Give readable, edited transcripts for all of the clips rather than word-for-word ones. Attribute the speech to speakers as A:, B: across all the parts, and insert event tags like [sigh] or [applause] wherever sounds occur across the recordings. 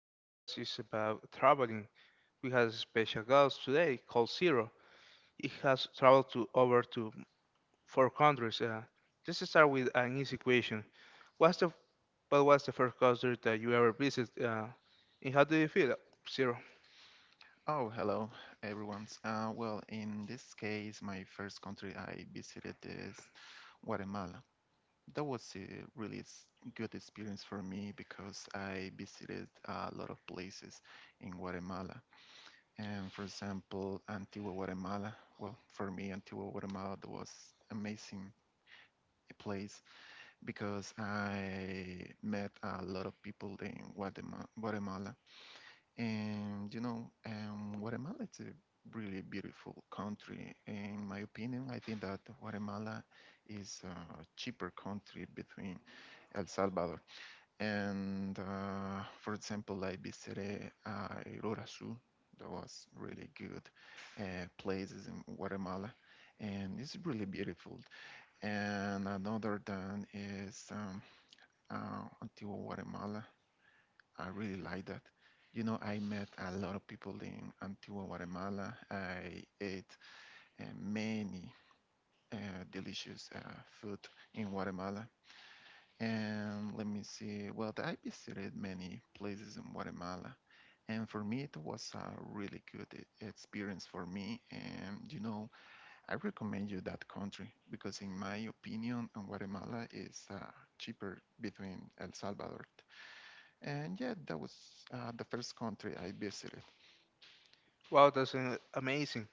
A: podcast. It's about traveling. We have a special guest today called Zero. He has traveled to over to four countries. Let's start with an easy question. What's the what was the first country that you ever visited? And how do you feel, Zero?
B: Oh, hello, everyone. In this case, my first country I visited is Guatemala. That was a really good experience for me because I visited a lot of places in Guatemala. And for example, Antigua Guatemala. Well, for me, Antigua Guatemala that was amazing place because I met a lot of people in Guatemala and Guatemala is a really beautiful country. In my opinion, I think that Guatemala is a cheaper country between El Salvador. And For example, I visited Igurazú. That was really good places in Guatemala, and it's really beautiful. And another than is Antigua Guatemala. I really like that. You know, I met a lot of people in Antigua, Guatemala. I ate many uh, delicious food in Guatemala. And let me see, well, I visited many places in Guatemala. And for me, it was a really good experience for me. And, you know, I recommend you that country because, in my opinion, Guatemala is cheaper between El Salvador and yeah, that was the first country I visited.
A: Wow, that's amazing.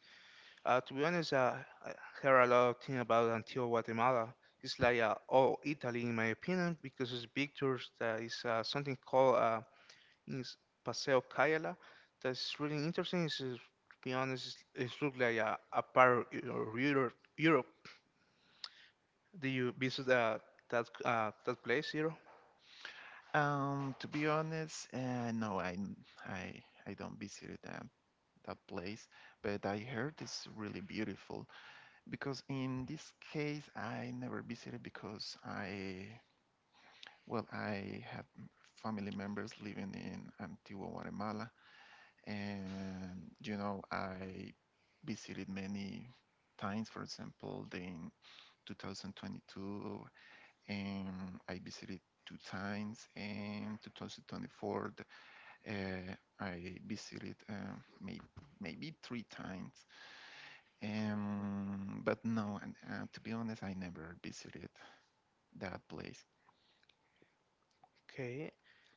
A: To be honest, I heard a lot of things about Antigua, Guatemala. It's like all Italy, in my opinion, because it's pictures that is something called is Paseo Cayala. That's really interesting. To be honest, it looks like a part of Europe. Do you visit that place, Zero?
B: To be honest, no, I, I don't visit that place, but I heard it's really beautiful because in this case I never visited because I have family members living in Antigua, Guatemala, and you know, I visited many times, for example, the in 2022 and I visited two times. In 2024, uh, I visited maybe maybe three times. But no, and, to be honest, I never visited that place.
A: Okay.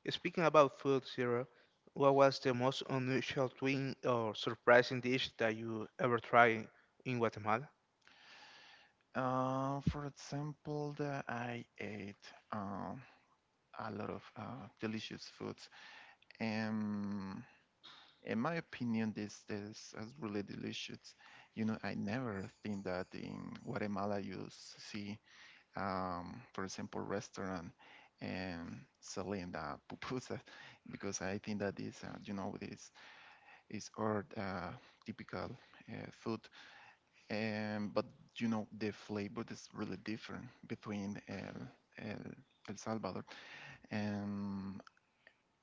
A: Speaking about food, Zero, what was the most unusual thing or surprising dish that you ever tried in Guatemala?
B: I ate um, a lot of delicious foods. And in my opinion, this is really delicious. You know, I never think that in Guatemala you see for example, restaurant and selling the pupusas [laughs] because I think that is, this is our typical food. But you know, the flavor is really different between El, El Salvador. And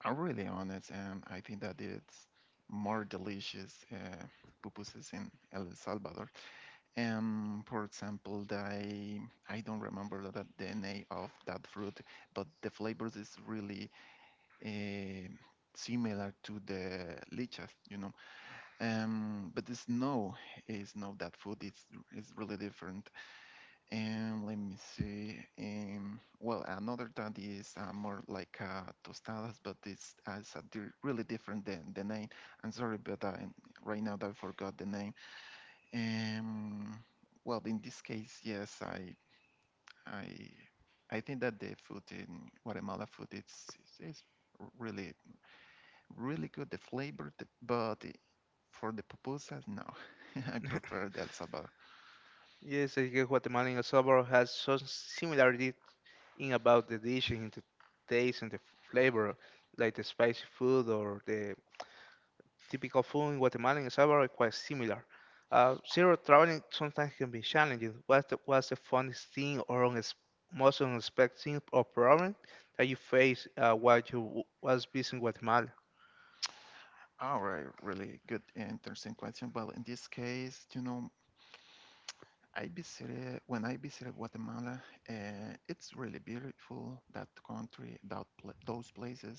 B: I'm really honest, and I think that it's more delicious pupusas in El Salvador. For example, I don't remember the name of that fruit, but the flavors is really eh, similar to the lichas, you know. But the snow is not that food. It's is really different. And let me see. Another that is more like tostadas, but it's a really different than the name. I'm sorry, but right now I forgot the name um, in this case, yes, I, I think that the food in Guatemala food it's is r- really really good. The flavor, the, but I- for the pupusas, no, [laughs] I
A: [laughs]
B: prefer the El Salvador.
A: Yes, I guess Guatemala and El Salvador has some similarity in about the dish in the taste and the flavor, like the spicy food or the typical food in Guatemala and El Salvador are quite similar. Zero, traveling sometimes can be challenging. What's the funniest thing or most unexpected thing or problem that you face while you was visiting Guatemala?
B: All right, really good, interesting question. Well, in this case, you know, I visited Guatemala. It's really beautiful that country, that pla those places.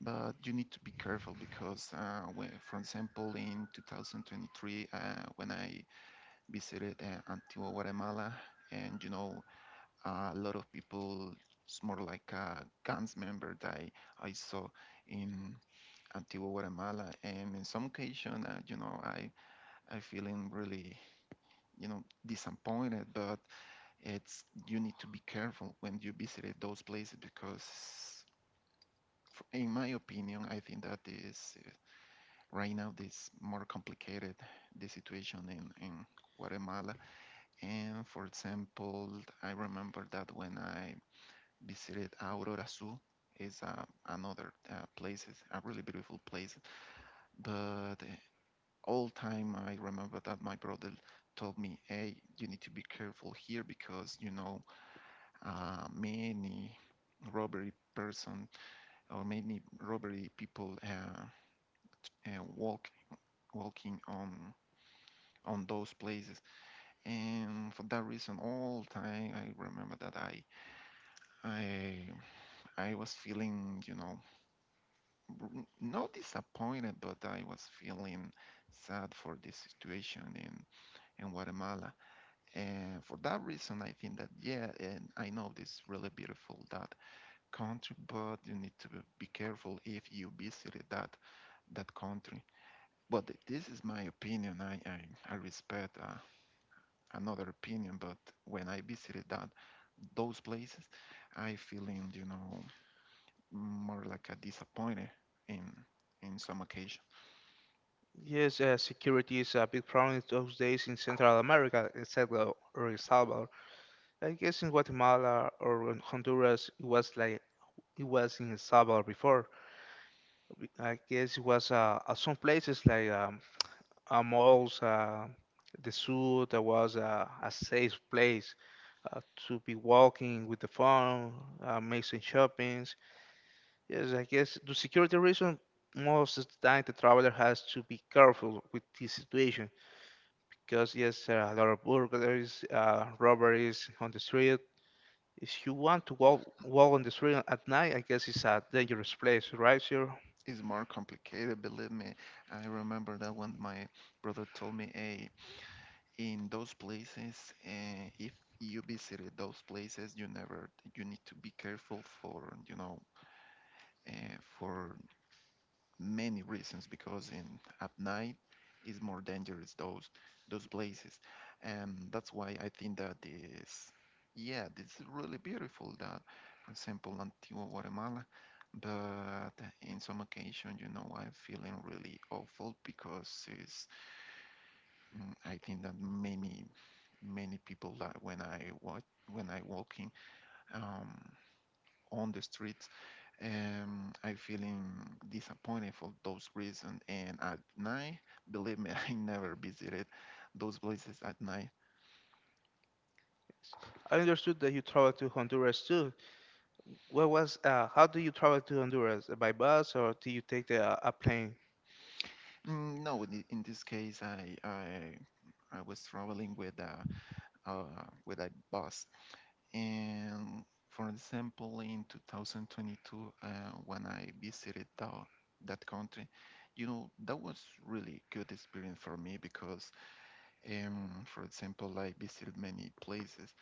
B: But you need to be careful because, for example, in 2023, when I visited Antigua Guatemala, and you know, a lot of people, it's more like a guns member that I saw in Antigua Guatemala, and in some occasion, you know, I feeling really, you know, disappointed, but it's you need to be careful when you visit those places because in my opinion I think that is right now, this more complicated the situation in Guatemala. And for example, I remember that when I visited Aurora Azul, is another place, it's a really beautiful place. But all time, I remember that my brother told me, "Hey, you need to be careful here because you know many robbery person or many robbery people uh, walk walking on those places and for that reason all time I remember that i I was feeling you know not disappointed but I was feeling sad for this situation in Guatemala and for that reason I think that yeah and I know this is really beautiful that country but you need to be careful if you visited that country but this is my opinion I respect another opinion, but when I visited that those places, I feeling you know more like a disappointed in in some occasion.
A: Yes, security is a big problem those days in Central America, except or El Salvador. I guess in Guatemala or in Honduras, it was like it was in El Salvador before. I guess it was at some places like also the zoo. There was a safe place uh, to be walking with the phone, make some shoppings. Yes, I guess the security reason, most of the time the traveler has to be careful with this situation because yes, there are a lot of burglaries, robberies on the street. If you want to walk on the street at night, I guess it's a dangerous place, right, sir?
B: It's more complicated, believe me. I remember that when my brother told me, "Hey, in those places, if you visited those places, you never you need to be careful for you know." For many reasons because in at night is more dangerous those places and that's why I think that is yeah this is really beautiful that for example Antigua Guatemala but in some occasion you know I'm feeling really awful because I think that many people that when I walking um on the streets. I feeling disappointed for those reasons. And at night, believe me, [laughs] I never visited those places at night.
A: I understood that you traveled to Honduras too. What was how do you travel to Honduras? By bus or do you take the a plane?
B: No, in this case, I was traveling with a bus. And for example, in 2022, when I visited that country, you know, that was really good experience for me because, for example, I visited many places.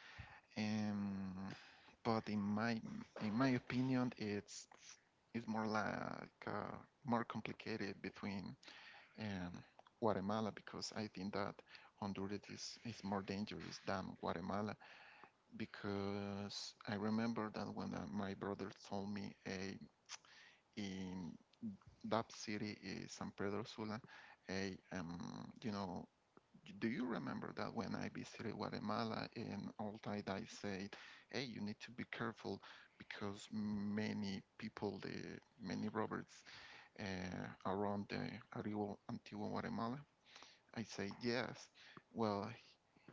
B: Um, but in my In my opinion, it's more like more complicated between um, Guatemala because I think that Honduras is more dangerous than Guatemala because I remember that when my brother told me a in that city is San Pedro Sula, a you know do you remember that when I visited Guatemala and Altai, I said, "Hey, you need to be careful because many people, the many robbers around the Antigua Guatemala." I say, "Yes." Well,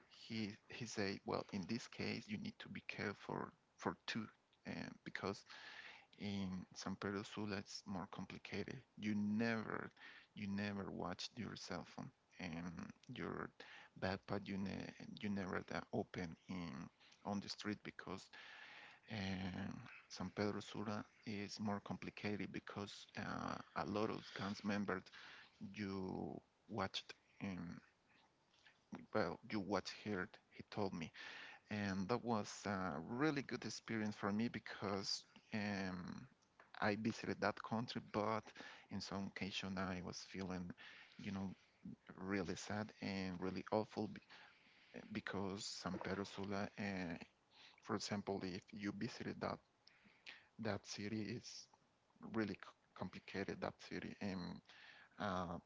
B: he said, "Well, in this case, you need to be careful for two, because in San Pedro Sula it's more complicated. You never watch your cell phone and your backpack. You never that open in on the street because um, San Pedro Sula is more complicated because a lot of gangs members you watched. Um, you watched here." He told me and that was a really good experience for me because um, I visited that country, but in some occasion I was feeling, you know, really sad and really awful because San Pedro Sula, for example, if you visited that city, it's really complicated that city and uh,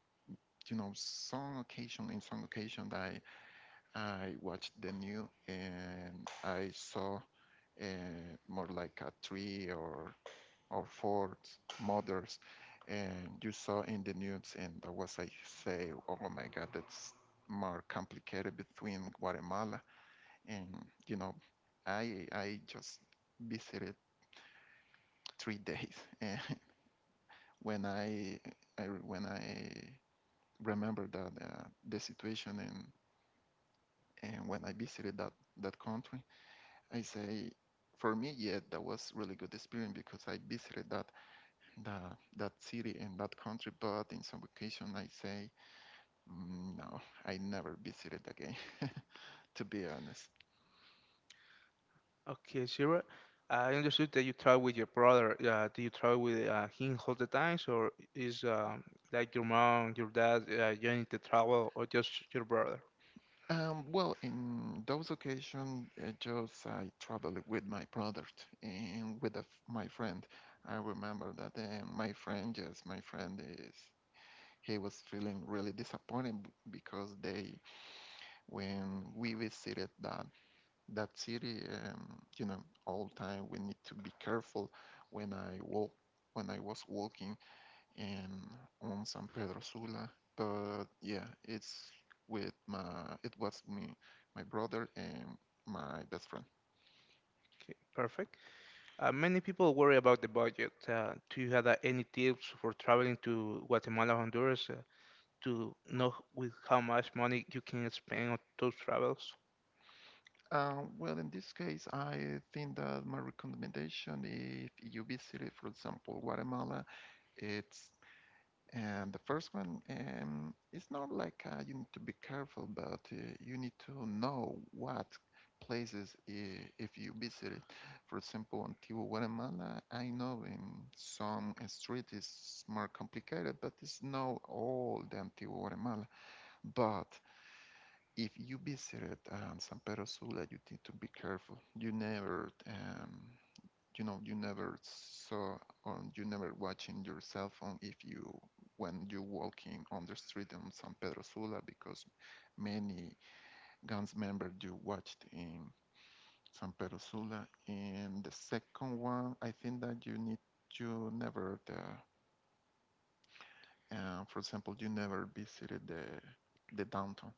B: you know some occasion I watched the news and I saw uh, more like a three or four mothers, and you saw in the news, and that was I say, oh my God, that's more complicated between Guatemala and you know, I just visited 3 days, and [laughs] when I when I remember that the situation and when I visited that country, I say for me, yeah, that was really good experience because I visited that city and that country, but in some occasion I say "Mm, no, I never visited again," [laughs] to be honest.
A: Okay, sure. I understood that you travel with your brother. Do you travel with him all the times, or is like your mom, your dad joining the travel, or just your brother?
B: In those occasions, just I traveled with my brother and with a f my friend. I remember that my friend, yes, my friend is. He was feeling really disappointed because they, when we visited that city, you know, all time we need to be careful when I walk when I was walking in on San Pedro Sula. But yeah, it's with my it was me, my brother and my best friend.
A: Okay, perfect. Many people worry about the budget. Do you have any tips for traveling to Guatemala, Honduras, to know with how much money you can spend on those travels?
B: In this case, I think that my recommendation, if you visit, for example, Guatemala, it's and the first one, it's not like you need to be careful, but you need to know what places if you visit for example, Antigua Guatemala, I know in some street is more complicated, but it's not all the Antigua Guatemala. But if you visit San Pedro Sula, you need to be careful. You know you never saw or you never watching your cell phone if you when you walking on the street in San Pedro Sula because many guns members you watched in San Pedro Sula and the second one I think that you never the for example you never visited the downtown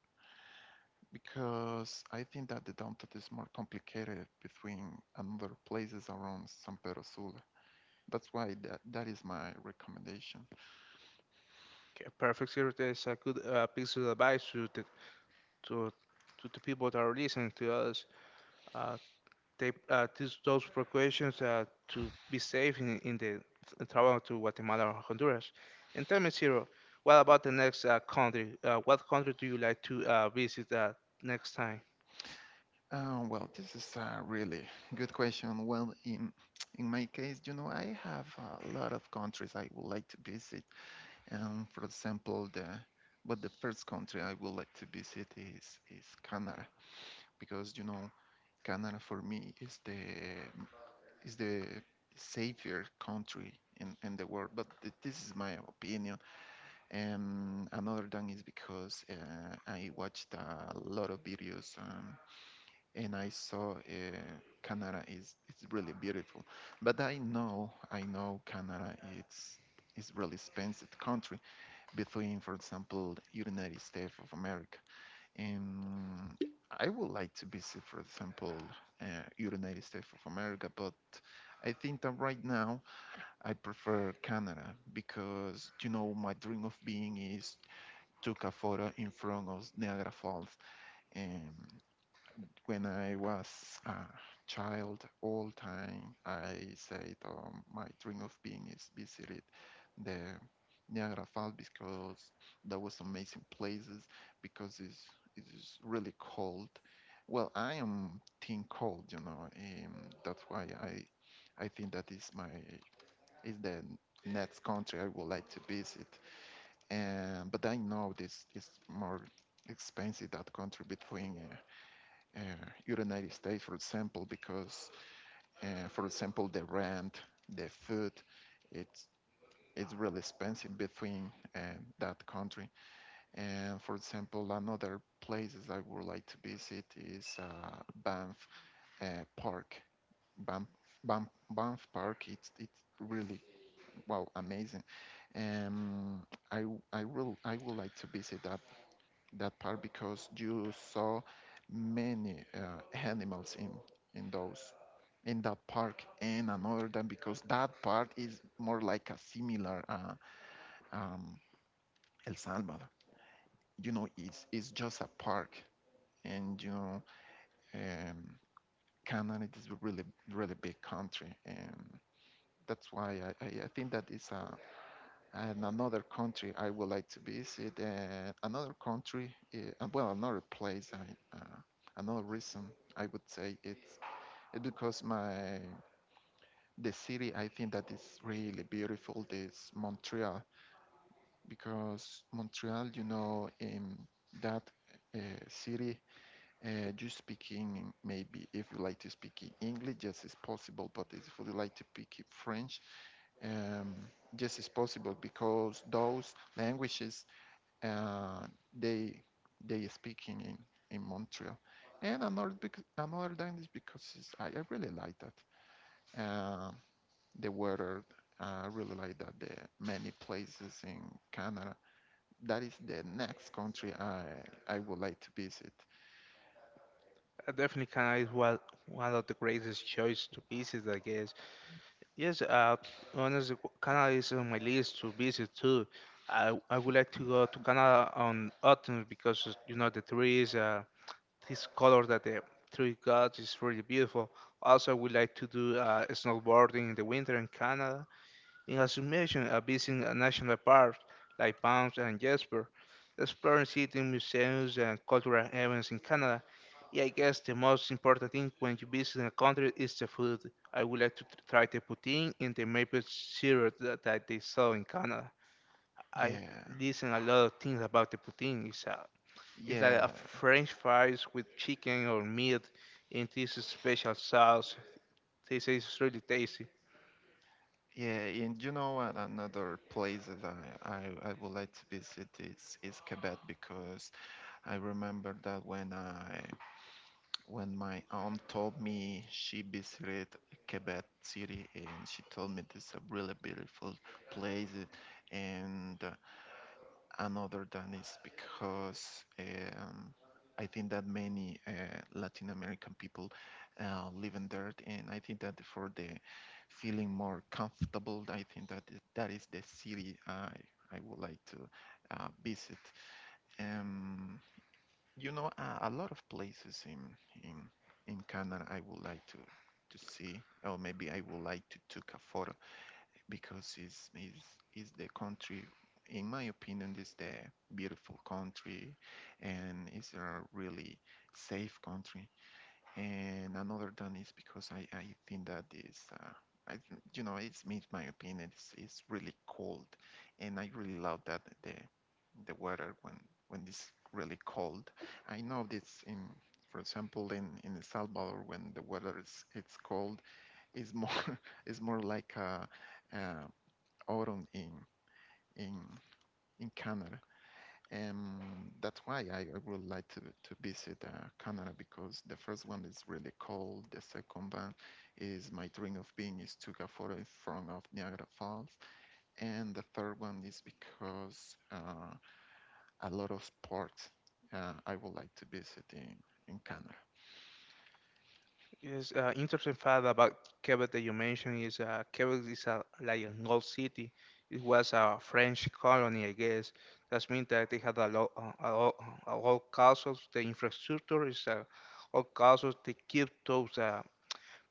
B: because I think that the downtown is more complicated between another places around San Pedro Sula. That's why that is my recommendation.
A: Okay, perfect. Sir, that is a good piece of advice to to the people that are listening to us. Uh, take those precautions to be safe in the travel to Guatemala or Honduras. And tell me, Zero, what about the next country? What country do you like to visit next time?
B: This is a really good question. Well, in my case, you know, I have a lot of countries I would like to visit. And for example, the first country I would like to visit is Canada because you know Canada for me is the savior country in the world. But this is my opinion. Another thing is because I watched a lot of videos and I saw Canada is it's really beautiful. But I know Canada it's really expensive country between, for example, United States of America. And I would like to visit, for example, uh, United States of America, but I think that right now I prefer Canada because you know my dream of being is took a photo in front of Niagara Falls. And when I was a child, all time I said my dream of being is visited the Niagara Falls because that was amazing places because it's really cold. Well, I am team cold, you know, and that's why I think that is the next country I would like to visit. And but I know this is more expensive that country between United States, for example, because for example the rent, the food, it's it's really expensive between that country. And for example, another places I would like to visit is Banff Park. Banff, Banff Park. It's really wow amazing. Um, I I would like to visit that part because you saw many animals in those in that park and another than because that part is more like a similar um, El Salvador. You know, it's just a park, and um, Canada is a really really big country, and that's why I think that is a and another country I would like to visit, and another country, well, another place. Another reason I would say it's because my the city I think that is really beautiful is Montreal because Montreal, in that uh, city, you speaking maybe if you like to speak in English, yes, it's possible. But if you like to speak in French, um, yes, it's possible because those languages uh, they they speaking in Montreal, and another thing is because I really like that uh, the weather. I really like that the many places in Canada. That is the next country I would like to visit.
A: Definitely Canada is one of the greatest choice to visit, I guess. Yes, honestly, Canada is on my list to visit too. I would like to go to Canada on autumn because you know the trees, this color that the tree got is really beautiful. Also, we like to do snowboarding in the winter in Canada. In assumation, visiting a national parks like Banff and Jasper, exploring cities, museums, and cultural events in Canada. Yeah, I guess the most important thing when you visit a country is the food. I would like to try the poutine and the maple syrup that they sell in Canada. I
B: Yeah,
A: listen a lot of things about the poutine. It's like a
B: yeah,
A: French fries with chicken or meat in this special sauce. They say it's really tasty.
B: yeah. And you know what? Another place that I would like to visit is Quebec because I remember that when my aunt told me she visited Quebec City and she told me this is a really beautiful place and another than is because I think that many Latin American people living there and I think that for the feeling more comfortable I think that that is the city I would like to visit. Um, a lot of places in in Canada I would like to see, or maybe I would like to take a photo because it's is the country. In my opinion, it's the beautiful country, and it's a really safe country and another done is because I think that is I it's me my opinion it's really cold and I really love that the weather when it's really cold. I know this in for example in El Salvador when the weather is it's cold is more [laughs] is more like a uh, autumn in in Canada, that's why I would like to visit Canada because the first one is really cold. The second one is my dream of being is to go for in front of Niagara Falls. And the third one is because a lot of sports I would like to visit in Canada.
A: Yes, interesting fact about Quebec that you mentioned is Quebec is like an old city. It was a French colony, I guess. That means that they had a lot, a lot, a lot castles. The infrastructure is a old castles. They keep those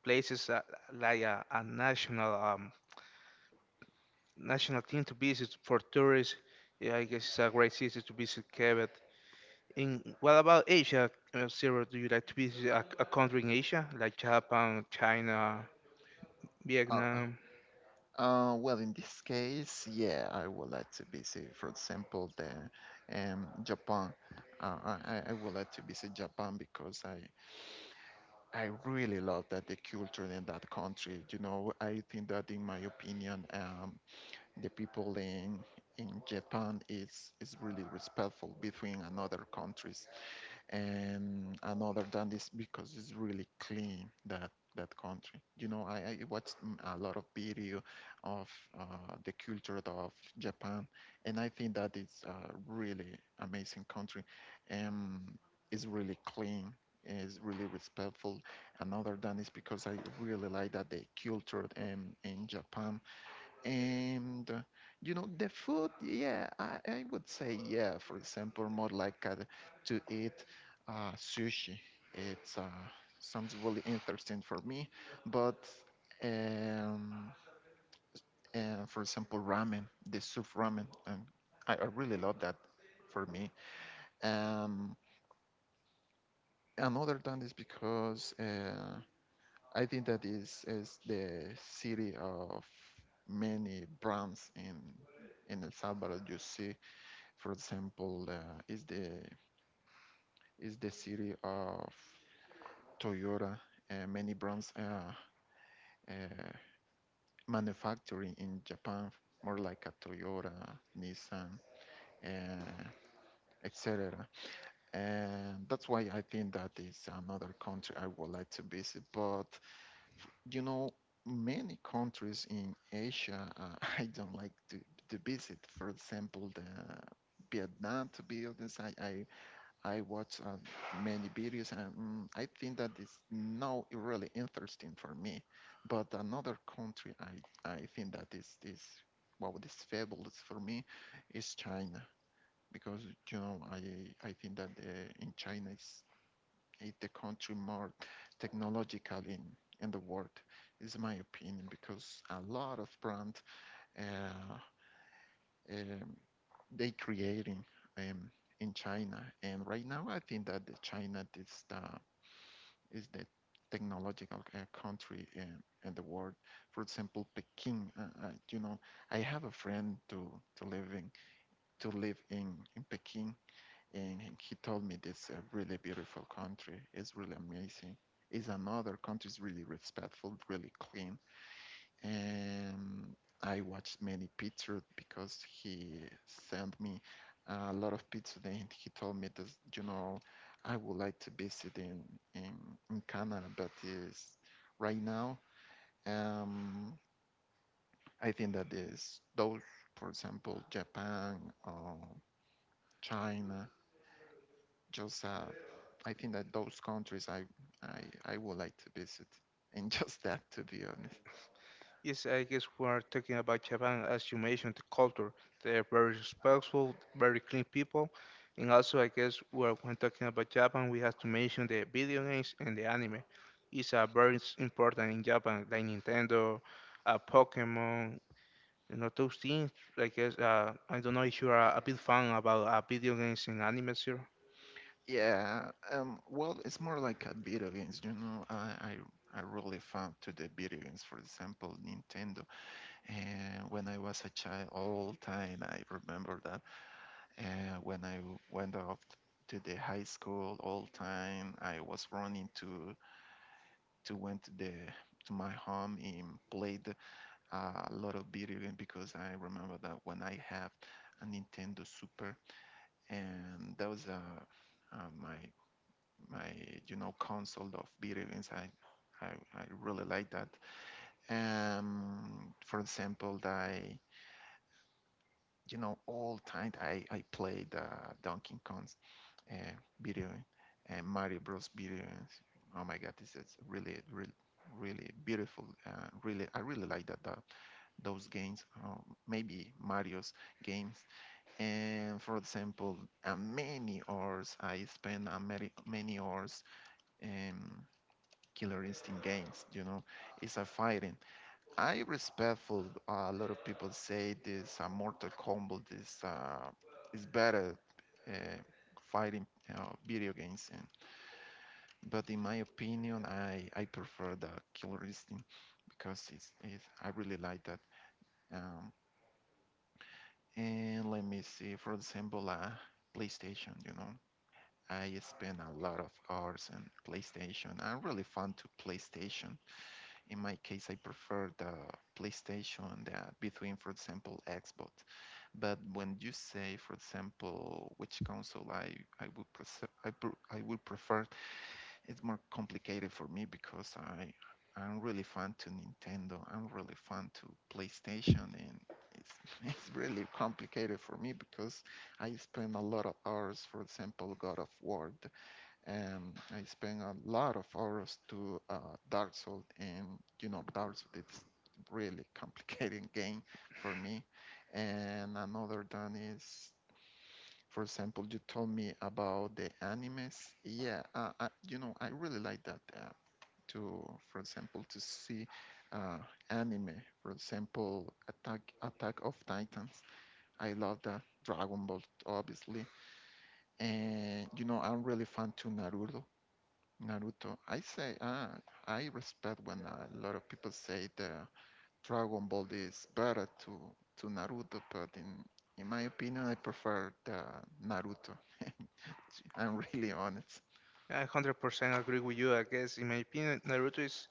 A: places like a national team to visit for tourists. Yeah, I guess it's a great city to visit Quebec. In what about Asia? Zero, do you like to visit a country in Asia like Japan, China,
B: Uh,
A: Vietnam?
B: uh, well, in this case, yeah, I would like to visit, for example, the Japan. I would like to visit Japan because I really love that the culture in that country. You know, I think that in my opinion, the people in Japan is really respectful between another countries and another than this because it's really clean that that country I watched a lot of video of the culture of Japan, and I think that it's a really amazing country. um, it's really clean, is really respectful. Another than is because I really like that the culture in Japan. And the food, yeah, I would say yeah. For example, more like to eat sushi. It's sounds really interesting for me. But um, for example, ramen, the soup ramen, and I really love that for me. Um, Another than is because I think that is the city of many brands in El Salvador. You see, for example, is the city of Toyota, many brands uh, manufacturing in Japan, more like a Toyota, Nissan, uh, etc. And that's why I think that is another country I would like to visit. But you know, many countries in Asia [laughs] I don't like to visit. For example, the Vietnam, to be honest, I watch many videos, and I think that it's not really interesting for me. But another country, I think that is wow, this fabulous for me, is China because you know I think that in China is the country more technological in the world is my opinion because a lot of brands uh, um, they creating um, in China. And right now, I think that the China is the is the technological country in the world. For example, Peking. I have a friend to live in to live in Peking, and he told me it's a really beautiful country. It's really amazing. It's another country. It's really respectful, really clean, and I watched many pizza because he sent me a lot of pizza, and he told me that you know I would like to visit in Canada. But is right now, um, I think that is those, for example, Japan or China, just I think that those countries I would like to visit and [laughs] just that, to be honest.
A: Yes, I guess we're talking about Japan as you mentioned, the culture. They're very respectful, very clean people. And also, I guess when talking about Japan, we have to mention the video games and the anime. It's very important in Japan, like Nintendo, Pokemon, you know those things. Like guess I don't know if you are a big fan about video games and anime, sir.
B: Yeah, well, it's more like a video games, you know. I really found to the video games, for example, Nintendo. And when I was a child, all time I remember that. And when I went off to the high school, all time I was running to went to my home and played a lot of video game because I remember that when I have a Nintendo Super, and that was uh, my my console of video games. I, I really like that. For example, I all time I played Donkey Kong's uh, video and Mario Bros video. Oh my God, this is really really really beautiful, really I really like that those games, maybe Mario's games, and for example, many hours I spend many, many hours um, Killer Instinct games. You know, it's a fighting. I respectful. A lot of people say this Mortal Kombat is better uh, fighting video games, and but in my opinion, I prefer the Killer Instinct because I really like that. Um, and let me see, for example, PlayStation. You know, I spend a lot of hours on PlayStation. I'm really fond to PlayStation. In my case, I prefer the PlayStation between, for example, Xbox. But when you say, for example, which console I would prefer, I would prefer, it's more complicated for me because I'm really fan to Nintendo. I'm really fan to PlayStation, and it's [laughs] it's really complicated for me because I spend a lot of hours, for example, God of War. The and I spent a lot of hours to Dark Souls, and you know, Dark Souls is really complicated [laughs] game for me. And another done is, for example, you told me about the animes. Yeah, I really like that. To, for example, to see uh, anime, for example, Attack of Titans. I love that. Dragon Ball, obviously, and you know, I'm really fan to Naruto. Naruto. I say, ah, I respect when a lot of people say the Dragon Ball is better to Naruto, but in my opinion, I prefer the Naruto. [laughs] I'm really honest.
A: I 100% agree with you. I guess in my opinion, Naruto is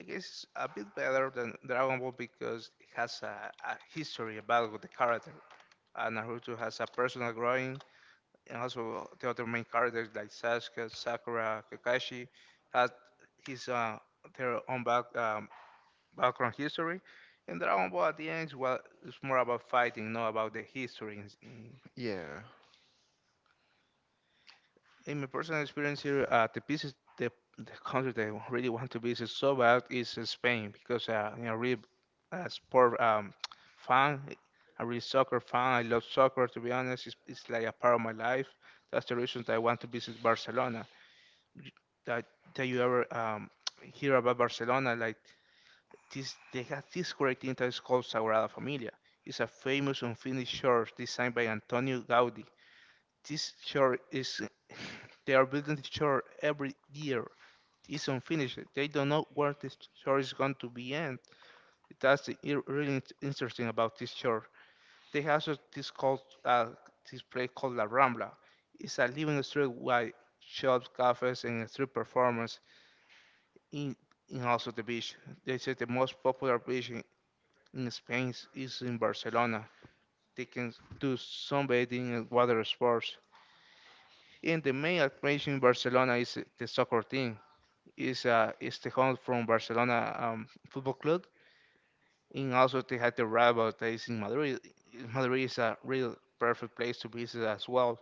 A: I guess a bit better than Dragon Ball because it has a history about with the character. Naruto has a personal growing, and also the other main characters like Sasuke, Sakura, Kakashi had his their own background history. And Dragon Ball at the end, well, it's more about fighting, not about the history.
B: Yeah.
A: In my personal experience here, the business, the country that I really want to visit so bad is Spain because really sport [tsk] fan. I'm really soccer fan. I love soccer. To be honest, it's like a part of my life. That's the reason that I want to visit Barcelona. Y- That that you ever [tsk] hear about Barcelona? Like this, they have this great thing that is called Sagrada Familia. It's a famous unfinished church designed by Antonio Gaudi. This church is. [laughs] They are building the church every year. It's unfinished. They don't know where this church is going to be end. That's the really interesting about this church. They have this place called La Rambla. It's a living street with shops, cafes, and street performance in, in also the beach. They say the most popular beach in Spain is in Barcelona. They can do sunbathing and water sports. And the main attraction in Barcelona is the soccer team. Is the home from Barcelona Football Club, and also they had the rival that is in Madrid. Madrid is a real perfect place to visit as well.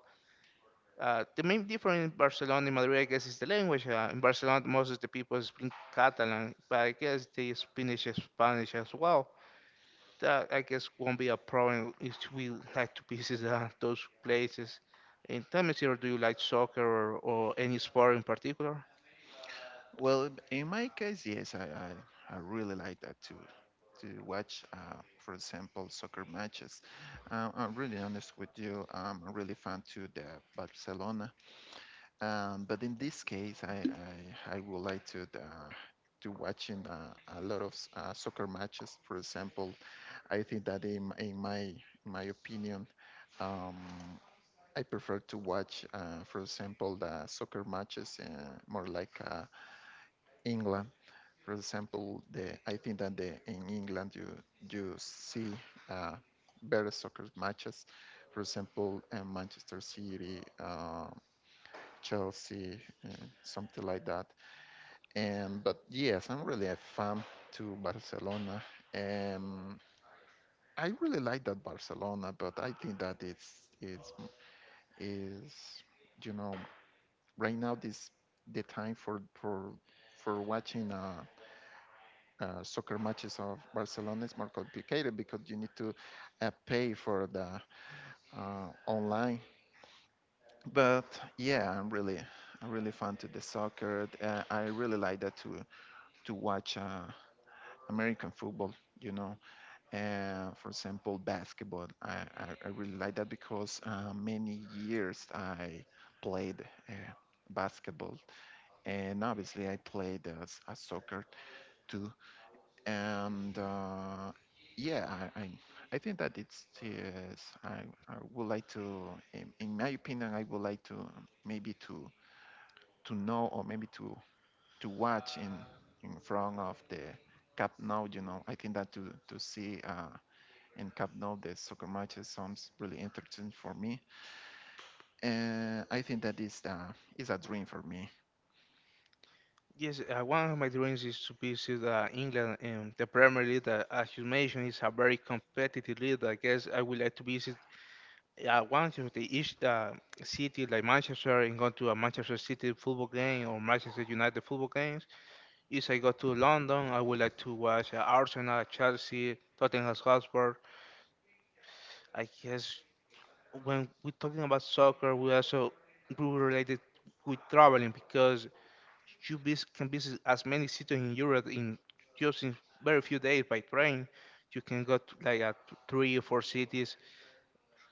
A: The main difference in Barcelona and Madrid, I guess, is the language. In Barcelona, most of the people speak Catalan, but I guess they speak Spanish as well that I guess won't be a problem if we like to visit those places. And tell me, sir, do you like soccer or any sport in particular?
B: Well, in my case, yes, I really like that too. To watch, for example, soccer matches. I'm really honest with you. I'm really fan to the Barcelona. But in this case, I would like to watching a lot of soccer matches. For example, I think that in my opinion, um, I prefer to watch, for example, the soccer matches more like England. For example, the I think that the in England you see uh, better soccer matches. For example, Manchester City, Chelsea, uh, something like that. And but yes, I'm really a fan to Barcelona. Um, I really like that Barcelona, but I think that it's is you know right now this the time for watching soccer matches of Barcelona is more complicated because you need to pay for the online. But yeah, I'm really fan to the soccer. I really like that to watch American football. You know for example, basketball. I really like that because many years I played uh, basketball, and obviously I played as a soccer too. And yeah, I think that it's yes. I would like to, in my opinion, I would like to maybe to know or maybe to watch in front of the Cup now, you know, I think that to see in Camp Nou. The soccer matches sounds really interesting for me, and I think that is a dream for me.
A: Yes, one of my dreams is to visit England and the Premier League. As you mentioned, is a very competitive league. I guess I would like to visit one of the each city like Manchester and go to a Manchester City football game or Manchester United football games. If I go to London, I would like to watch Arsenal, Chelsea, Tottenham Hotspur. I guess when we're talking about soccer, we also we relate it with traveling because you can visit as many cities in Europe in just in very few days by train. You can go to like three or four cities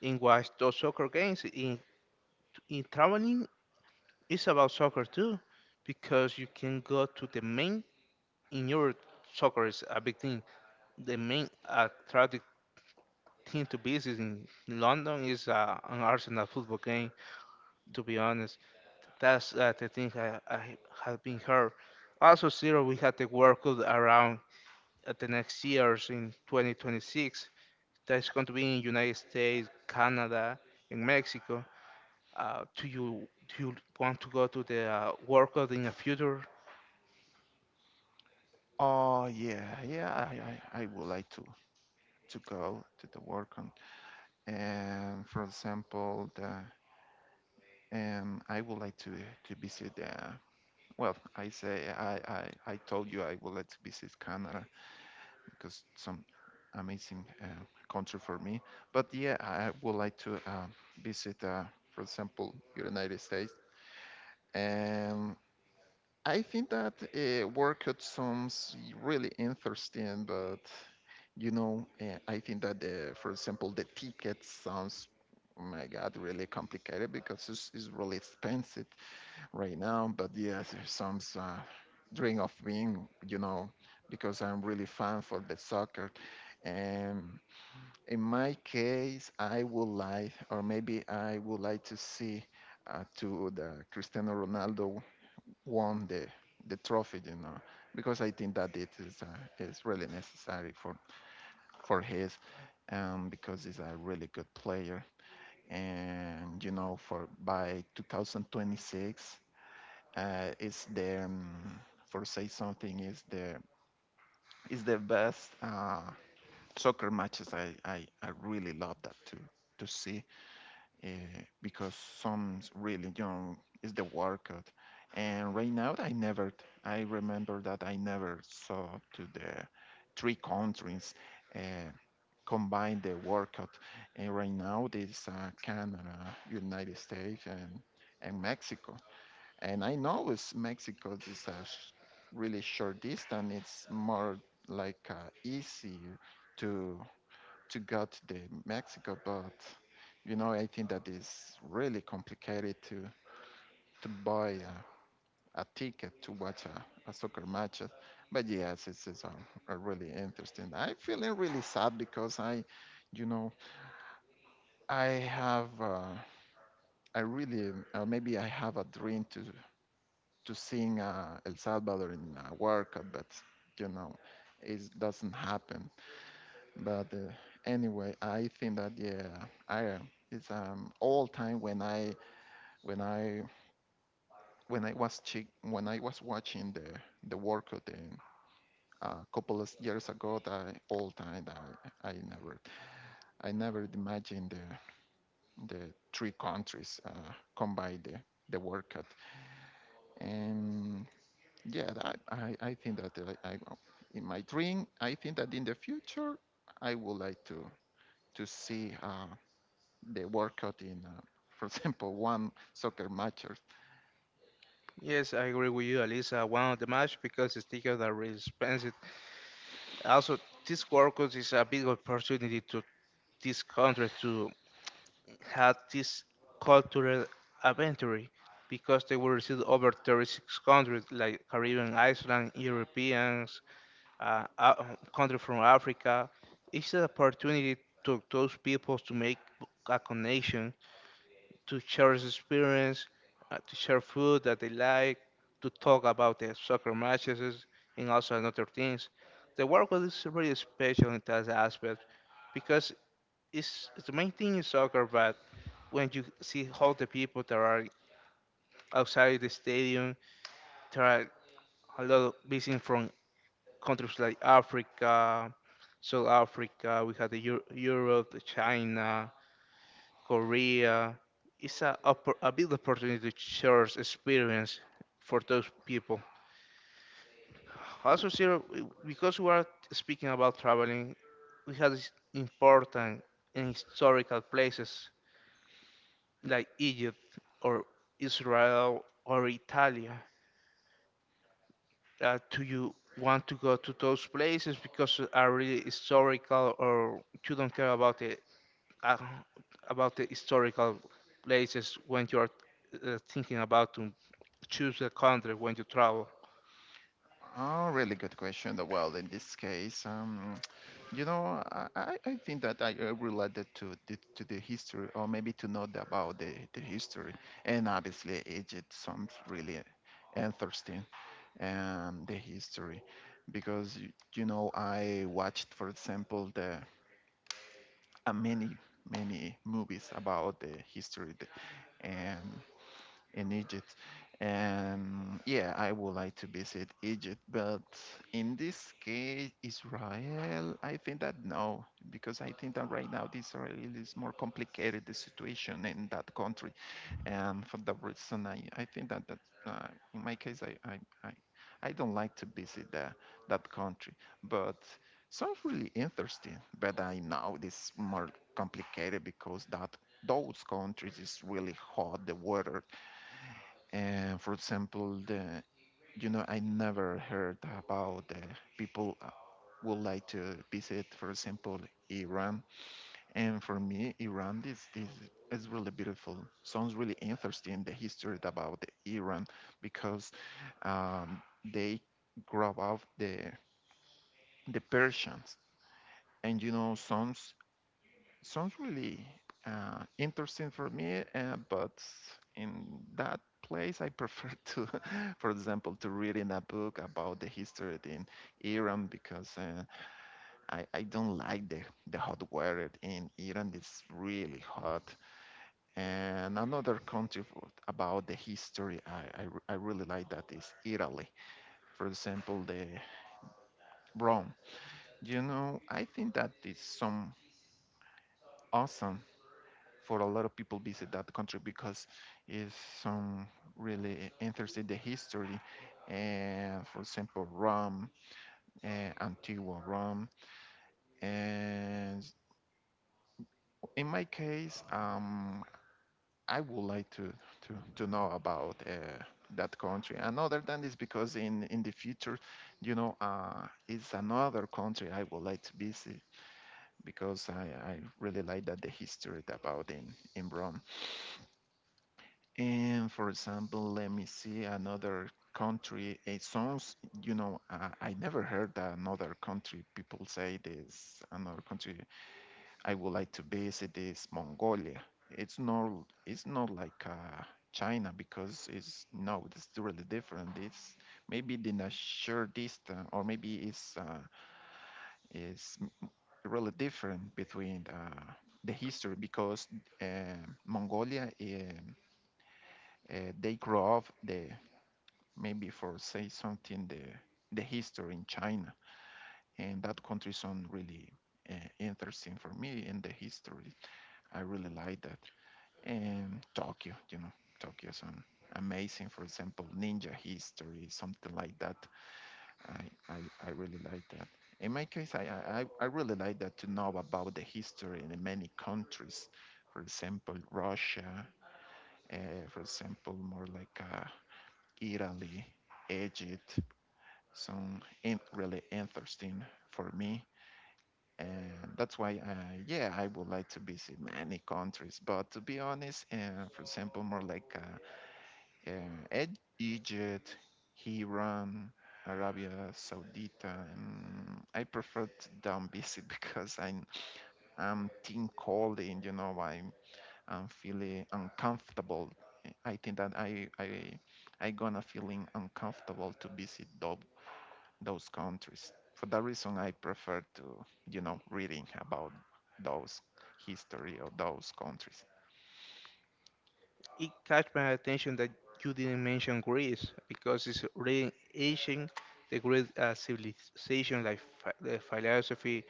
A: and watch those soccer games. In traveling, it's about soccer too, because you can go to the main in Europe. Soccer is a big thing. The main attractive thing to visit in London is an Arsenal football game. To be honest, that's the thing I had been heard. Also, Zero, we had the World Cup around at the next years in 2026. That's going to be in United States, Canada, and Mexico. Do you want to go to the World Cup in the future?
B: Oh yeah, yeah, I would like to go to the work on, and for example, the I would like to visit the. Well, I say I told you I would like to visit Canada because some amazing country for me. But yeah, I would like to visit, for example, United States. And I think that workout sounds really interesting, but you know, I think that for example, the ticket sounds, oh my God, really complicated because it's really expensive right now. But yes, it sounds dream of being, you know, because I'm really fan for the soccer. And in my case, I would like, or maybe I would like to see to the Cristiano Ronaldo won the trophy, you know, because I think that it is really necessary for his, because he's a really good player, and you know, for by 2026, is the for say something is the best soccer matches I really love that to see uh, because some religion is the workout. And right now, I remember that I never saw to the three countries uh, combine the workout. And right now, this Canada, United States, and Mexico. And I know it's Mexico is a really short distance. It's more like easier to get the Mexico, but you know, I think that is really complicated to buy a ticket to watch a soccer match. But yes, a really interesting. I'm feeling really sad because I, you know, I have uh, I really maybe I have a dream to sing El Salvador in a World Cup, but you know, it doesn't happen. But anyway, I think that yeah, I it's all time when when I I was chick when I was watching the work of a couple of years ago that all time that I, I never I never imagined the three countries combine the workout and yeah that, I think that I in my dream I think that in the future I would like to see the workout in, for [laughs] example, one soccer match? Or,
A: Yes, I agree with you, Alisa. One of the match because the tickets are really expensive. Also, this World Cup is a big opportunity to this country to had this cultural adventure because they were received over 36 countries like Caribbean, Iceland, Europeans, uh, uh, country from Africa. It's an opportunity to those people to make a connection, to share this experience, to share food that they like, to talk about the soccer matches and also other things. The work was really special in that aspect because it's the main thing in soccer, but when you see all the people that are outside the stadium, there are a lot of visiting from countries like Africa, South Africa. We have the Europe, the China, Korea. It's a big opportunity to share experience for those people. Also, Cyril, because we are speaking about traveling, we have these important and historical places like Egypt or Israel or Italy? Do you want to go to those places because are really historical, or you don't care uh, about the historical places when you are thinking about to choose a country when you travel?
B: oh, really good question. Well, in this case, you know, I think that I related to to the history, or maybe to know about the history, and obviously Egypt sounds really interesting, and the history, because you know I watched, for example, the uh, many many movies about the history, and in Egypt. And yeah, I would like to visit Egypt, but in this case, Israel, I think that no, because I think that right now the Israel is more complicated the situation in that country, and for that reason, I think that that uh, in my case, I I don't like to visit that country, but sounds really interesting. But I know this more complicated because that those countries is really hot the weather. And for example, the you know I never heard about people would like to visit, for example, Iran. And for me, Iran is this is really beautiful. Sounds really interesting the history about the Iran because they grow up the Persians, and you know some sounds really interesting for me, but in that place, I prefer [laughs] to, for example, to read in a book about the history in Iran because I don't like the hot weather in Iran. It's really hot. And another country about the history I really like that is Italy. For example, the Rome. You know, I think that is some awesome for a lot of people visit that country because it's some really interesting the history and for example Rome and Antigua Rome and in my case I would like to to know about that country and other than this because in the future you know it's another country I would like to visit because I really like that the history about in Rome. And for example, let me see another country. It sounds, you know, I never heard another country. People say this another country I would like to visit is Mongolia. It's not, it's not like China because it's no, it's really different. It's maybe in a short distance, or maybe it's really different between the history because Mongolia. They grow up the maybe for say something the history in China, and that country sound really uh, interesting for me and the history. I really like that. And Tokyo, you know, Tokyo sound amazing. For example, ninja history, something like that. I I, I really like that. In my case, I really like that to know about the history in many countries. For example, Russia, for example, more like Italy, Egypt, some really interesting for me. And that's why, yeah, I would like to visit many countries. But to be honest, for example, more like Egypt, Iran, Arabia Saudita. And I prefer to down visit [laughs] because I'm team calling, you know, I'm feeling uncomfortable. I think that I gonna feeling uncomfortable to visit those countries. For that reason, I prefer to, you know, reading about those history of those countries.
A: It catch my attention that you didn't mention Greece because it's really ancient, the Greek civilization, like the philosophy,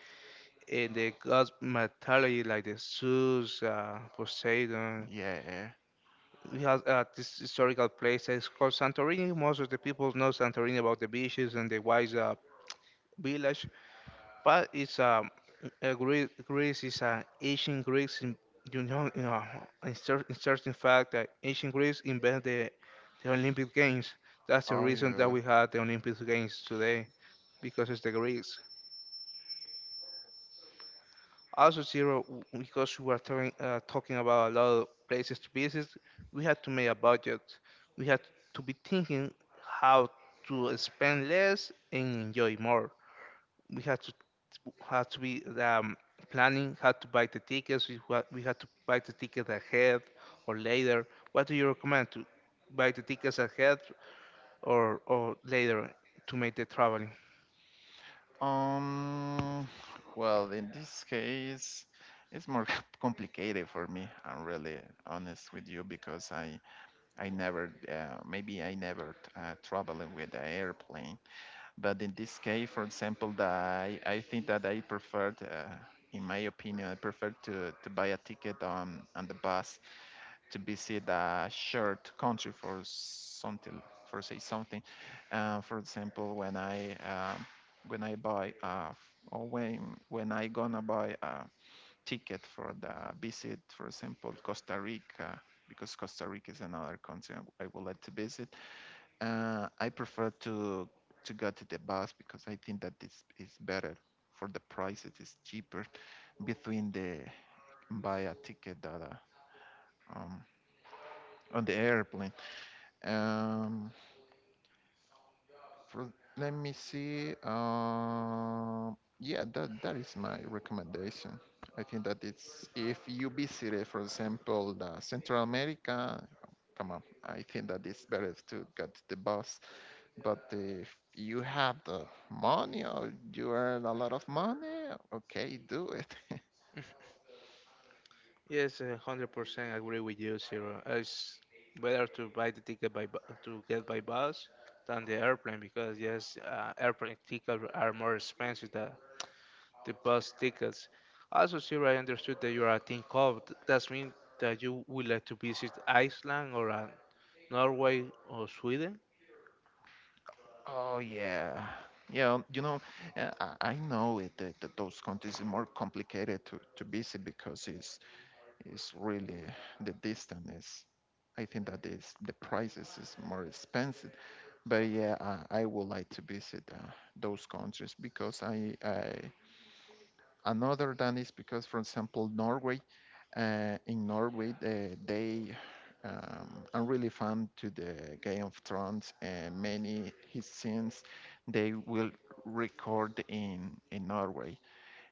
A: in the gods mythology like the Zeus, Poseidon.
B: Yeah.
A: We have this historical place that is called Santorini. Most of the people know Santorini about the beaches and the wise village, but it's Greece, Greece is ancient Greece. In, you know, you know, interesting fact that ancient Greece invented the Olympic Games. That's the
B: Oh
A: reason that
B: yeah.
A: we have the Olympic Games today because it's the Greeks. Also, zero because we were talking talking about a lot of places to visit. We had to make a budget. We had to be thinking how to spend less and enjoy more. We had to be planning how to buy the tickets. We had to buy the tickets ahead or later. What do you recommend to buy the tickets ahead or later to make the traveling?
B: Um. Well, in this case, it's more [laughs] complicated for me. I'm really honest with you because I never maybe I never traveling with the airplane. But in this case, for example, I think that I preferred, in my opinion, I prefer to buy a ticket on the bus to visit a shared country for something, for say something. For example, when I buy or when I gonna buy a ticket for the visit, for example, Costa Rica, because Costa Rica is another country I would like to visit I prefer to go to the bus because I think that this is better for the price. It is cheaper between the buy a ticket that um, on the airplane. Um, for Let me see. Yeah, that is my recommendation. I think that it's if you visited, for example, the Central America. Come on, I think that it's better to get the bus. But if you have the money or you earn a lot of money, okay, do it. [laughs]
A: Yes, 100% agree with you, Zero. It's better to buy the ticket by to get by bus than the airplane because yes, airplane tickets are more expensive than the bus tickets. Also, Zero, I understood that you are a team cop. Does mean that you would like to visit Iceland or Norway or Sweden?
B: Oh yeah, yeah. You know, uh, I know it that, that those countries are more complicated to visit because it's really the distance is. I think that is the prices is more expensive. But yeah, I would like to visit those countries because I Another than is because, for example, Norway, in Norway, they are really fan to the Game of Thrones, and many his scenes they will record in Norway,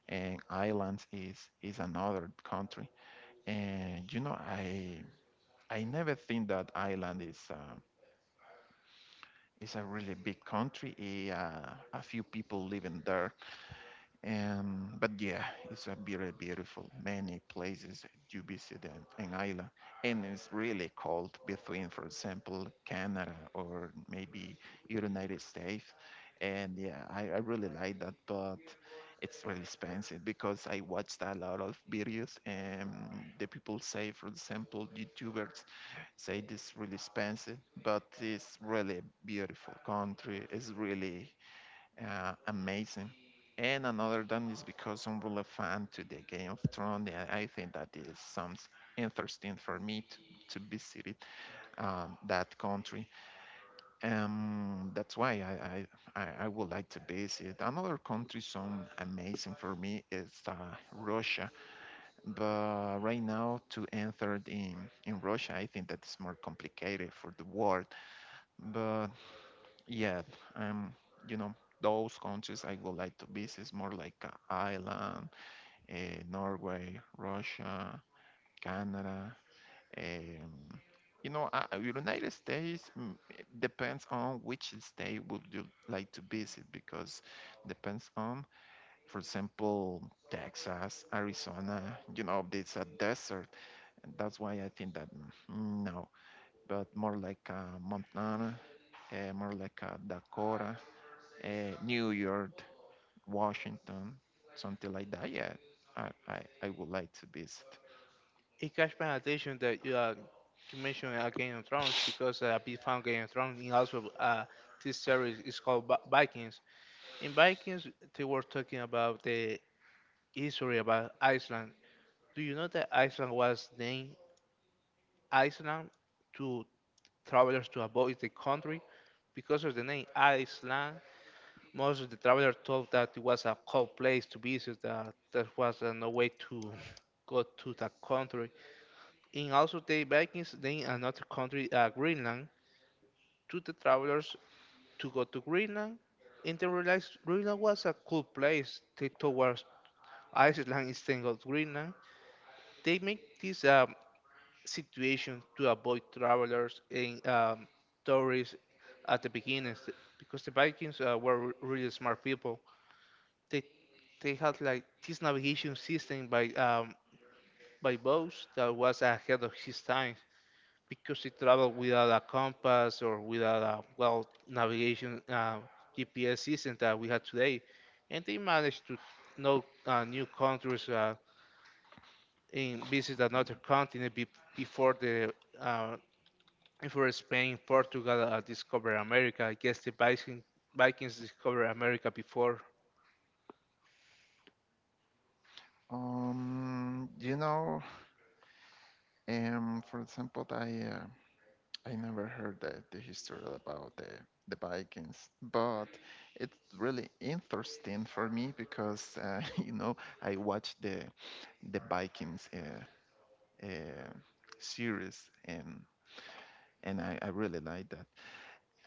B: and Ireland is another country. And you know, I never think that Ireland is. Is a really big country. A few people living there. But yeah, it's a very beautiful, many places to visit in Ireland, and it's really cold between, for example, Canada or maybe United States. And yeah, I really like that, but it's really expensive because I watched a lot of videos, and the people say, for example, YouTubers say this really expensive, but it's really beautiful country. It's really amazing. And another one is because I'm really a fan to the Game of Thrones, and I think that is some interesting for me to visit it, that country. That's why I would like to visit. Another country some amazing for me is Russia. But right now to enter in Russia, I think that is more complicated for the world. But yeah, um, you know, those countries I would like to visit more like Ireland, Norway, Russia, Canada. Um, United States. It depends on which state would you like to visit because depends on, for example, Texas, Arizona. You know, it's a desert, and that's why I think that no, but more like Montana, more like Dakota, New York, Washington, something like that. Yeah, I would like to visit.
A: It catch my attention that you, you mentioned Game of Thrones because I found Game of Thrones and also this series is called Vikings. In Vikings, they were talking about the history about Iceland. Do you know that Iceland was named Iceland to travelers to avoid the country? Because of the name Iceland, most of the travelers thought that it was a cold place to visit, that there was no way to [laughs] go to that country. And also, the Vikings named another country, Greenland, to the travelers to go to Greenland. And they realized Greenland was a cool place. They thought was Iceland is tangled Greenland. They make this situation to avoid travelers and tourists at the beginning because the Vikings were really smart people. They they had like this navigation system by boats that was ahead of his time because he traveled without a compass or without a well navigation GPS system that we have today, and they managed to know new countries. And visit another continent before the uh, before Spain, Portugal discovered America. I guess the Vikings discovered America before.
B: Um, you know, for example, I never heard the history about the Vikings, but it's really interesting for me because [laughs] you know I watched the Vikings uh, series and I really like that.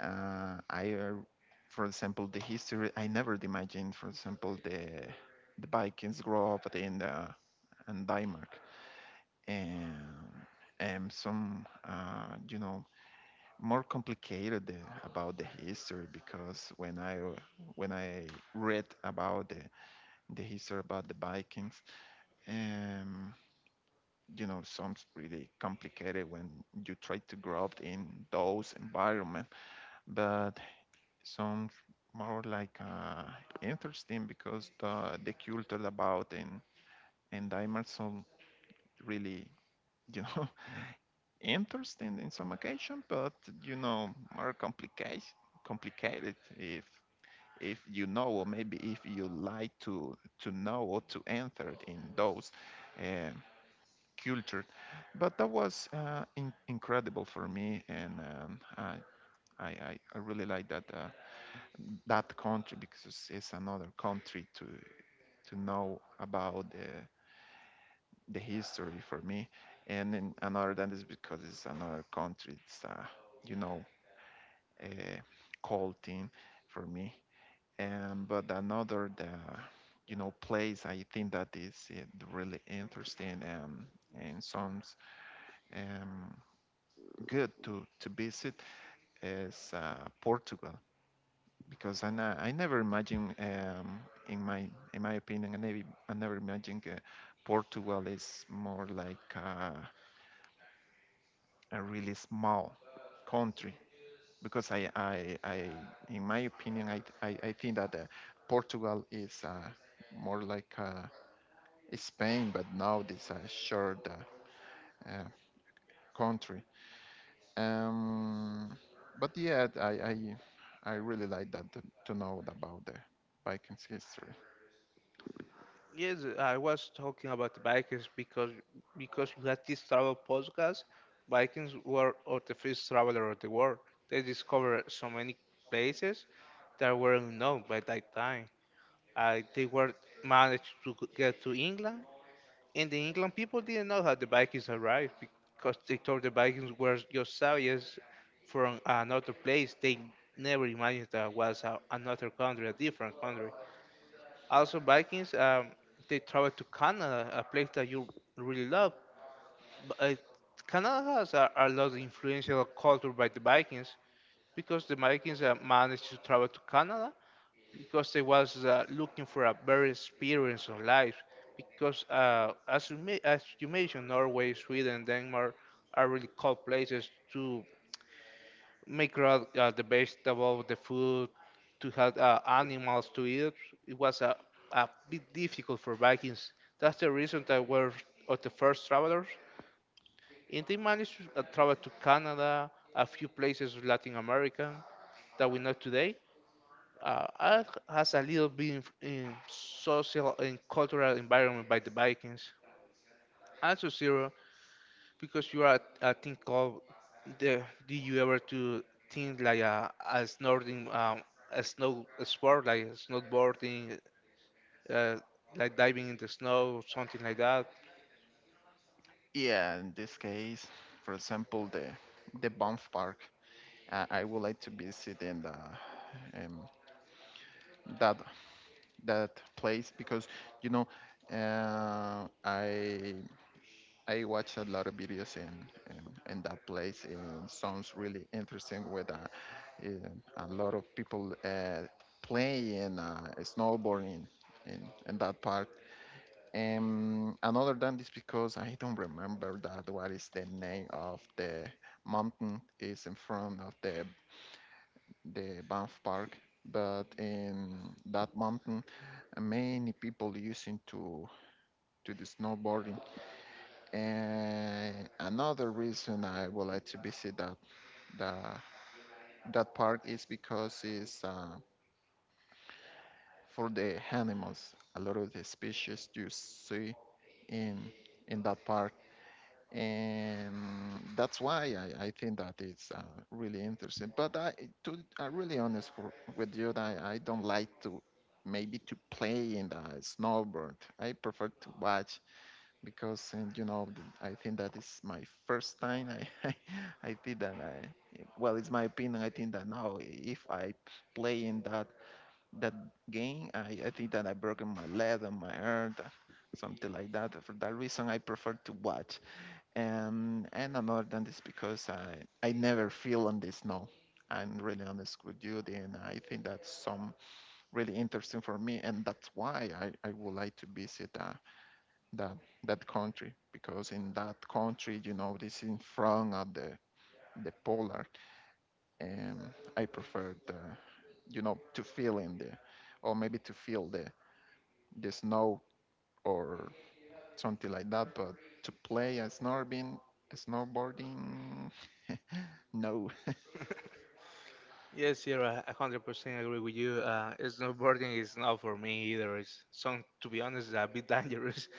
B: uh, I, uh, for example, the history. I never imagined, for example, the Vikings grow up in the in Denmark, and and some, more complicated about the history because when I read about the history about the Vikings, um, sounds really complicated when you try to grow up in those environment, but sounds more like interesting because the culture about and diamonds sound really you know [laughs] interesting in some occasion, but you know more complicated complicated if if you know or maybe if you like to know or to enter in those uh, culture. But that was incredible for me, and I really like that. That country because it's another country to know about the history for me, and then another than this because it's another country, it's you know a cold thing for me, and but another the place I think that is really interesting and sounds um good to visit is Portugal because I never imagined, in my opinion, I never imagined Portugal is more like a really small country. Because I in my opinion, I think that Portugal is more like Spain, but now it's a shared uh, country. Um, but yeah, I really like that to know about the Vikings history.
A: Yes, I was talking about the Vikings because we had this travel podcast. Vikings were or the first traveler of the world. They discovered so many places that were unknown by that time. They were managed to get to England. In the England, people didn't know how the Vikings arrived because they thought the Vikings were just savages from another place. They never imagined that was a, another country, a different country. Also, Vikings, they traveled to Canada, a place that you really love. But, Canada has a lot of influential culture by the Vikings because the Vikings managed to travel to Canada because I was looking for a better experience on life. Because as you as you mentioned, Norway, Sweden, Denmark are really cold places to make out the vegetable, the food, to have animals to eat. It was a bit difficult for Vikings. That's the reason that we're of the first travelers, and they managed to travel to Canada, a few places of Latin America that we know today art has a little bit in social and cultural environment by the Vikings. Also zero because you are a thing called the. Did you ever to think like a snorting a snow a sport like snowboarding, uh, like diving in the snow, something like that?
B: Yeah, in this case, for example, the Banff Park. I would like to visit in the um, that that place because you know uh, I I watch a lot of videos in that place. It sounds really interesting with a lot of people playing snowboarding in that park. And other than this, because I don't remember that what is the name of the mountain is in front of the Banff Park, but in that mountain, many people using to do snowboarding. And another reason I would like to visit the, that park is because it's for the animals. A lot of the species you see in in that park, and that's why I think that it's really interesting. But I really honest with you, that I don't like to maybe to play in the snowboard. I prefer to watch because and, you know th- I think that is my first time. I [laughs] I think that I well, it's my opinion. I think that now if I play in that game, I think that I broken my leg and my arm, something like that. For that reason, I prefer to watch, and another than this because I never feel on the snow. I'm really honest with you, and I think that's some really interesting for me, and that's why I would like to visit that that country because in that country, you know, this in front of the polar, and I prefer the to feel in the or maybe to feel the snow or something like that, but to play a snorbing snowboarding, no.
A: Yes, you're a 100% agree with you. Snowboarding is not for me either. It's some, to be honest, a bit dangerous. [laughs]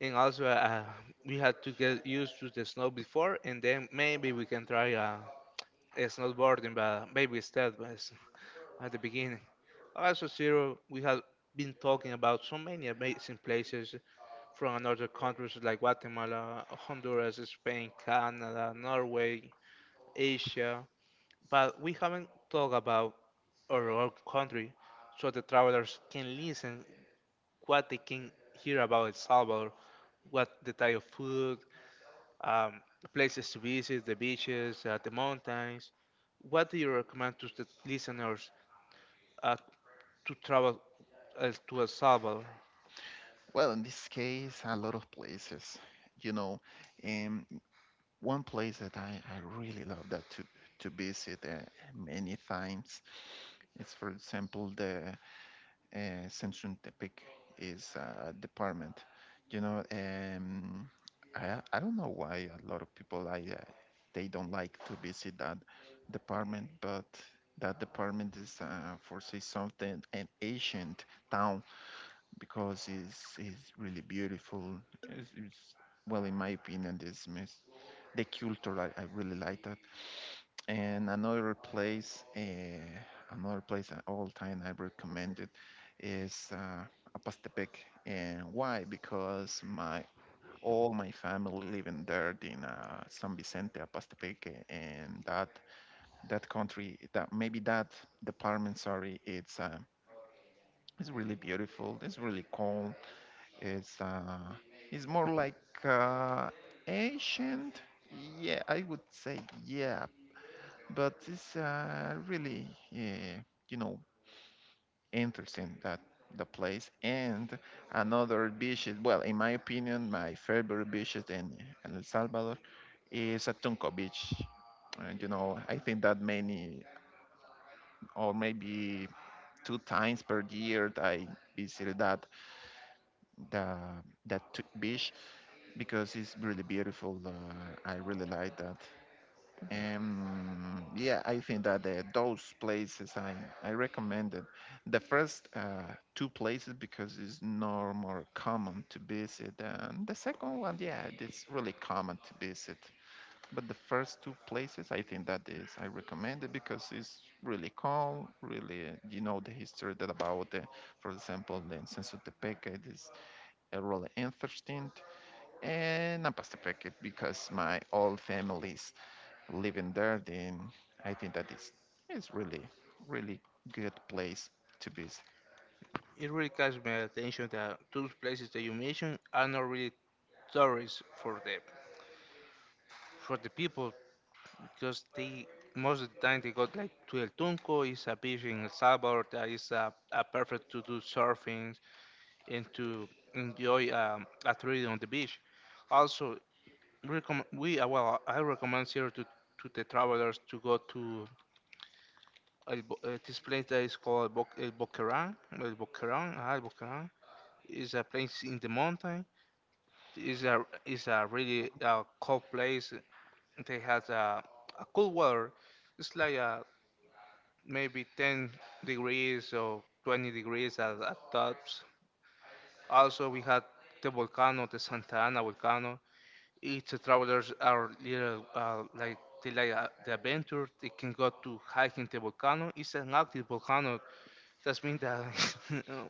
A: And also, we had to get used to the snow before, and then maybe we can try a snowboarding, but maybe step by at the beginning. Also, Zero, we have been talking about so many amazing places from another countries like Guatemala, Honduras, Spain, Canada, Norway, Asia, but we haven't talked about our own country so the travelers can listen what they can hear about El Salvador, what the type of food, um, places to visit, the beaches, the mountains. What do you recommend to the listeners uh, to travel to El Salvador?
B: Well, in this case, a lot of places, you know, and one place that I really love that to visit many times. It's for example the Centrum Tepic is a department. you know, um, I don't know why a lot of people I they don't like to visit that department, but that department is for say something an ancient town because it's really beautiful. It's, it's, well, in my opinion, the culture I really like that. And another place, uh, Another place at all time I recommend it is Apastepec. And why? Because my all my family living there in San Vicente, Apastepec, and that country, that maybe that department, sorry, it's really beautiful. It's really calm. It's uh, it's more like uh, ancient. Yeah, I would say yeah, but it's really you know interesting that the place, and another beach. Well, in my opinion, my favorite beach is in El Salvador, is Atunco Beach. And you know, I think that many or maybe two times per year I visited that the beach because it's really beautiful. I really like that. And yeah, I think that those places I recommended. The first two places because it's no more common to visit. And the second one, yeah, it's really common to visit. But the first two places, I think that is I recommend it because it's really calm, really, you know, the history that about, the, for example, the Census de it is really interesting, and Napas Tepeque because my old family's living there. Then I think that is it's really good place to visit.
A: It really catches my attention that those places that you mentioned are not really tourists for the people because they most of the time they go like to El Tunco is a beach in El Salvador that is perfect to do surfing and to enjoy activity on the beach. Also, recommend we well, I recommend here to the travelers to go to this place that is called El Boquerón. El Boquerón, ah, El Boquerón is a place in the mountain. Is a really cold place. They has a cool weather. It's like maybe 10 degrees or 20 degrees at tops. Also, we had the volcano, the Santa Ana volcano. Its travelers are little like they like the adventure. They can go to hiking the volcano. It's an active volcano. That means that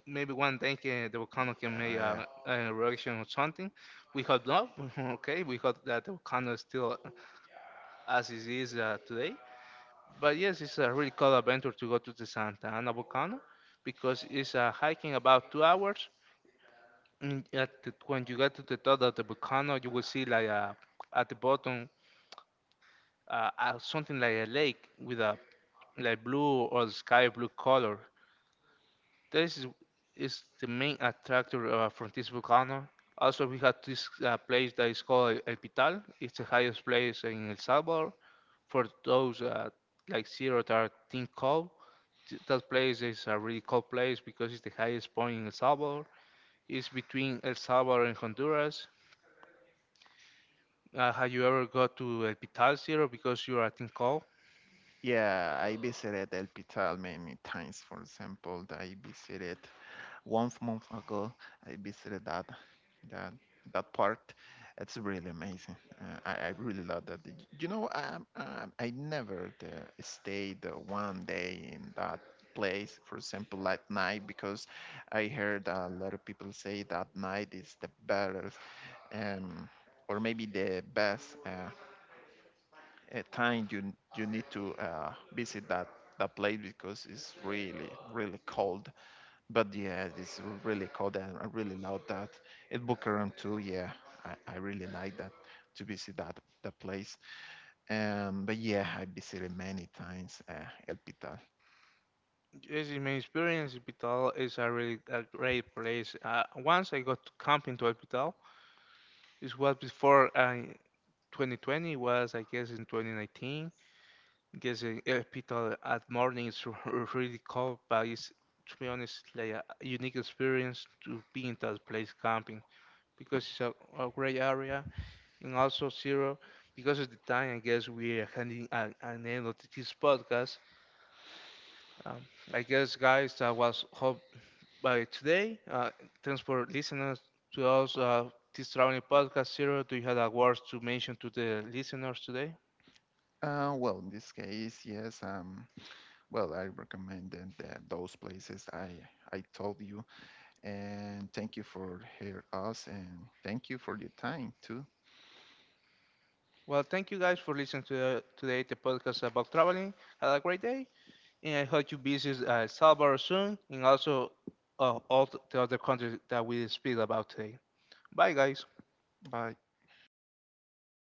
A: [laughs] maybe one day can, the volcano can make
B: Uh,
A: a, an eruption or something. We hope not. [laughs] Okay, we hope that the volcano is still as it is today. But yes, it's a really cool adventure to go to the Santa Ana volcano because it's hiking about 2 hours. And at the, when you get to the top of the volcano, you will see like at the bottom something like a lake with a like blue or sky blue color. This is, is the main attractor from this volcano. Also, we have this place that is called El Pital. It's the highest place in El Salvador. For those like zero that are think cold, that place is a really cold place because it's the highest point in El Salvador. It's between El Salvador and Honduras. Have you ever go to El Pital Zero because you are a think cold?
B: yeah, I visited El Pital many times. For example, I visited one month ago. I visited that that part, it's really amazing. I really love that. You know, I never stayed one day in that place, for example at night, because I heard a lot of people say that night is the better um, or maybe the best time you need to visit that place because it's really cold. But yeah, it's really cold, and I really love that. It book around too, yeah, I really like that to visit that place. But yeah, I visited many times El Pital.
A: Yes, in my experience, Vital is a really a great place. Once I got to camping to Vital, it was before 2020 was, I guess, in 2019. I guess in Vital at morning is [laughs] really cold, but it's, to be honest, like a unique experience to be in that place camping because it's a great area and also zero. Because of the time, I guess we are handing an end of this podcast. Um, I guess, guys, that was hope by today. Thanks for listening to us this traveling podcast. Zero, do you have a words to mention to the listeners today?
B: Well, in this case, yes. Well, I recommended those places I told you, and thank you for hear us, and thank you for your time too.
A: Well, thank you guys for listening to the, today the podcast about traveling. Have a great day, and I hope you visit El Salvador soon, and also all the other countries that we speak about today. Bye, guys.
B: Bye.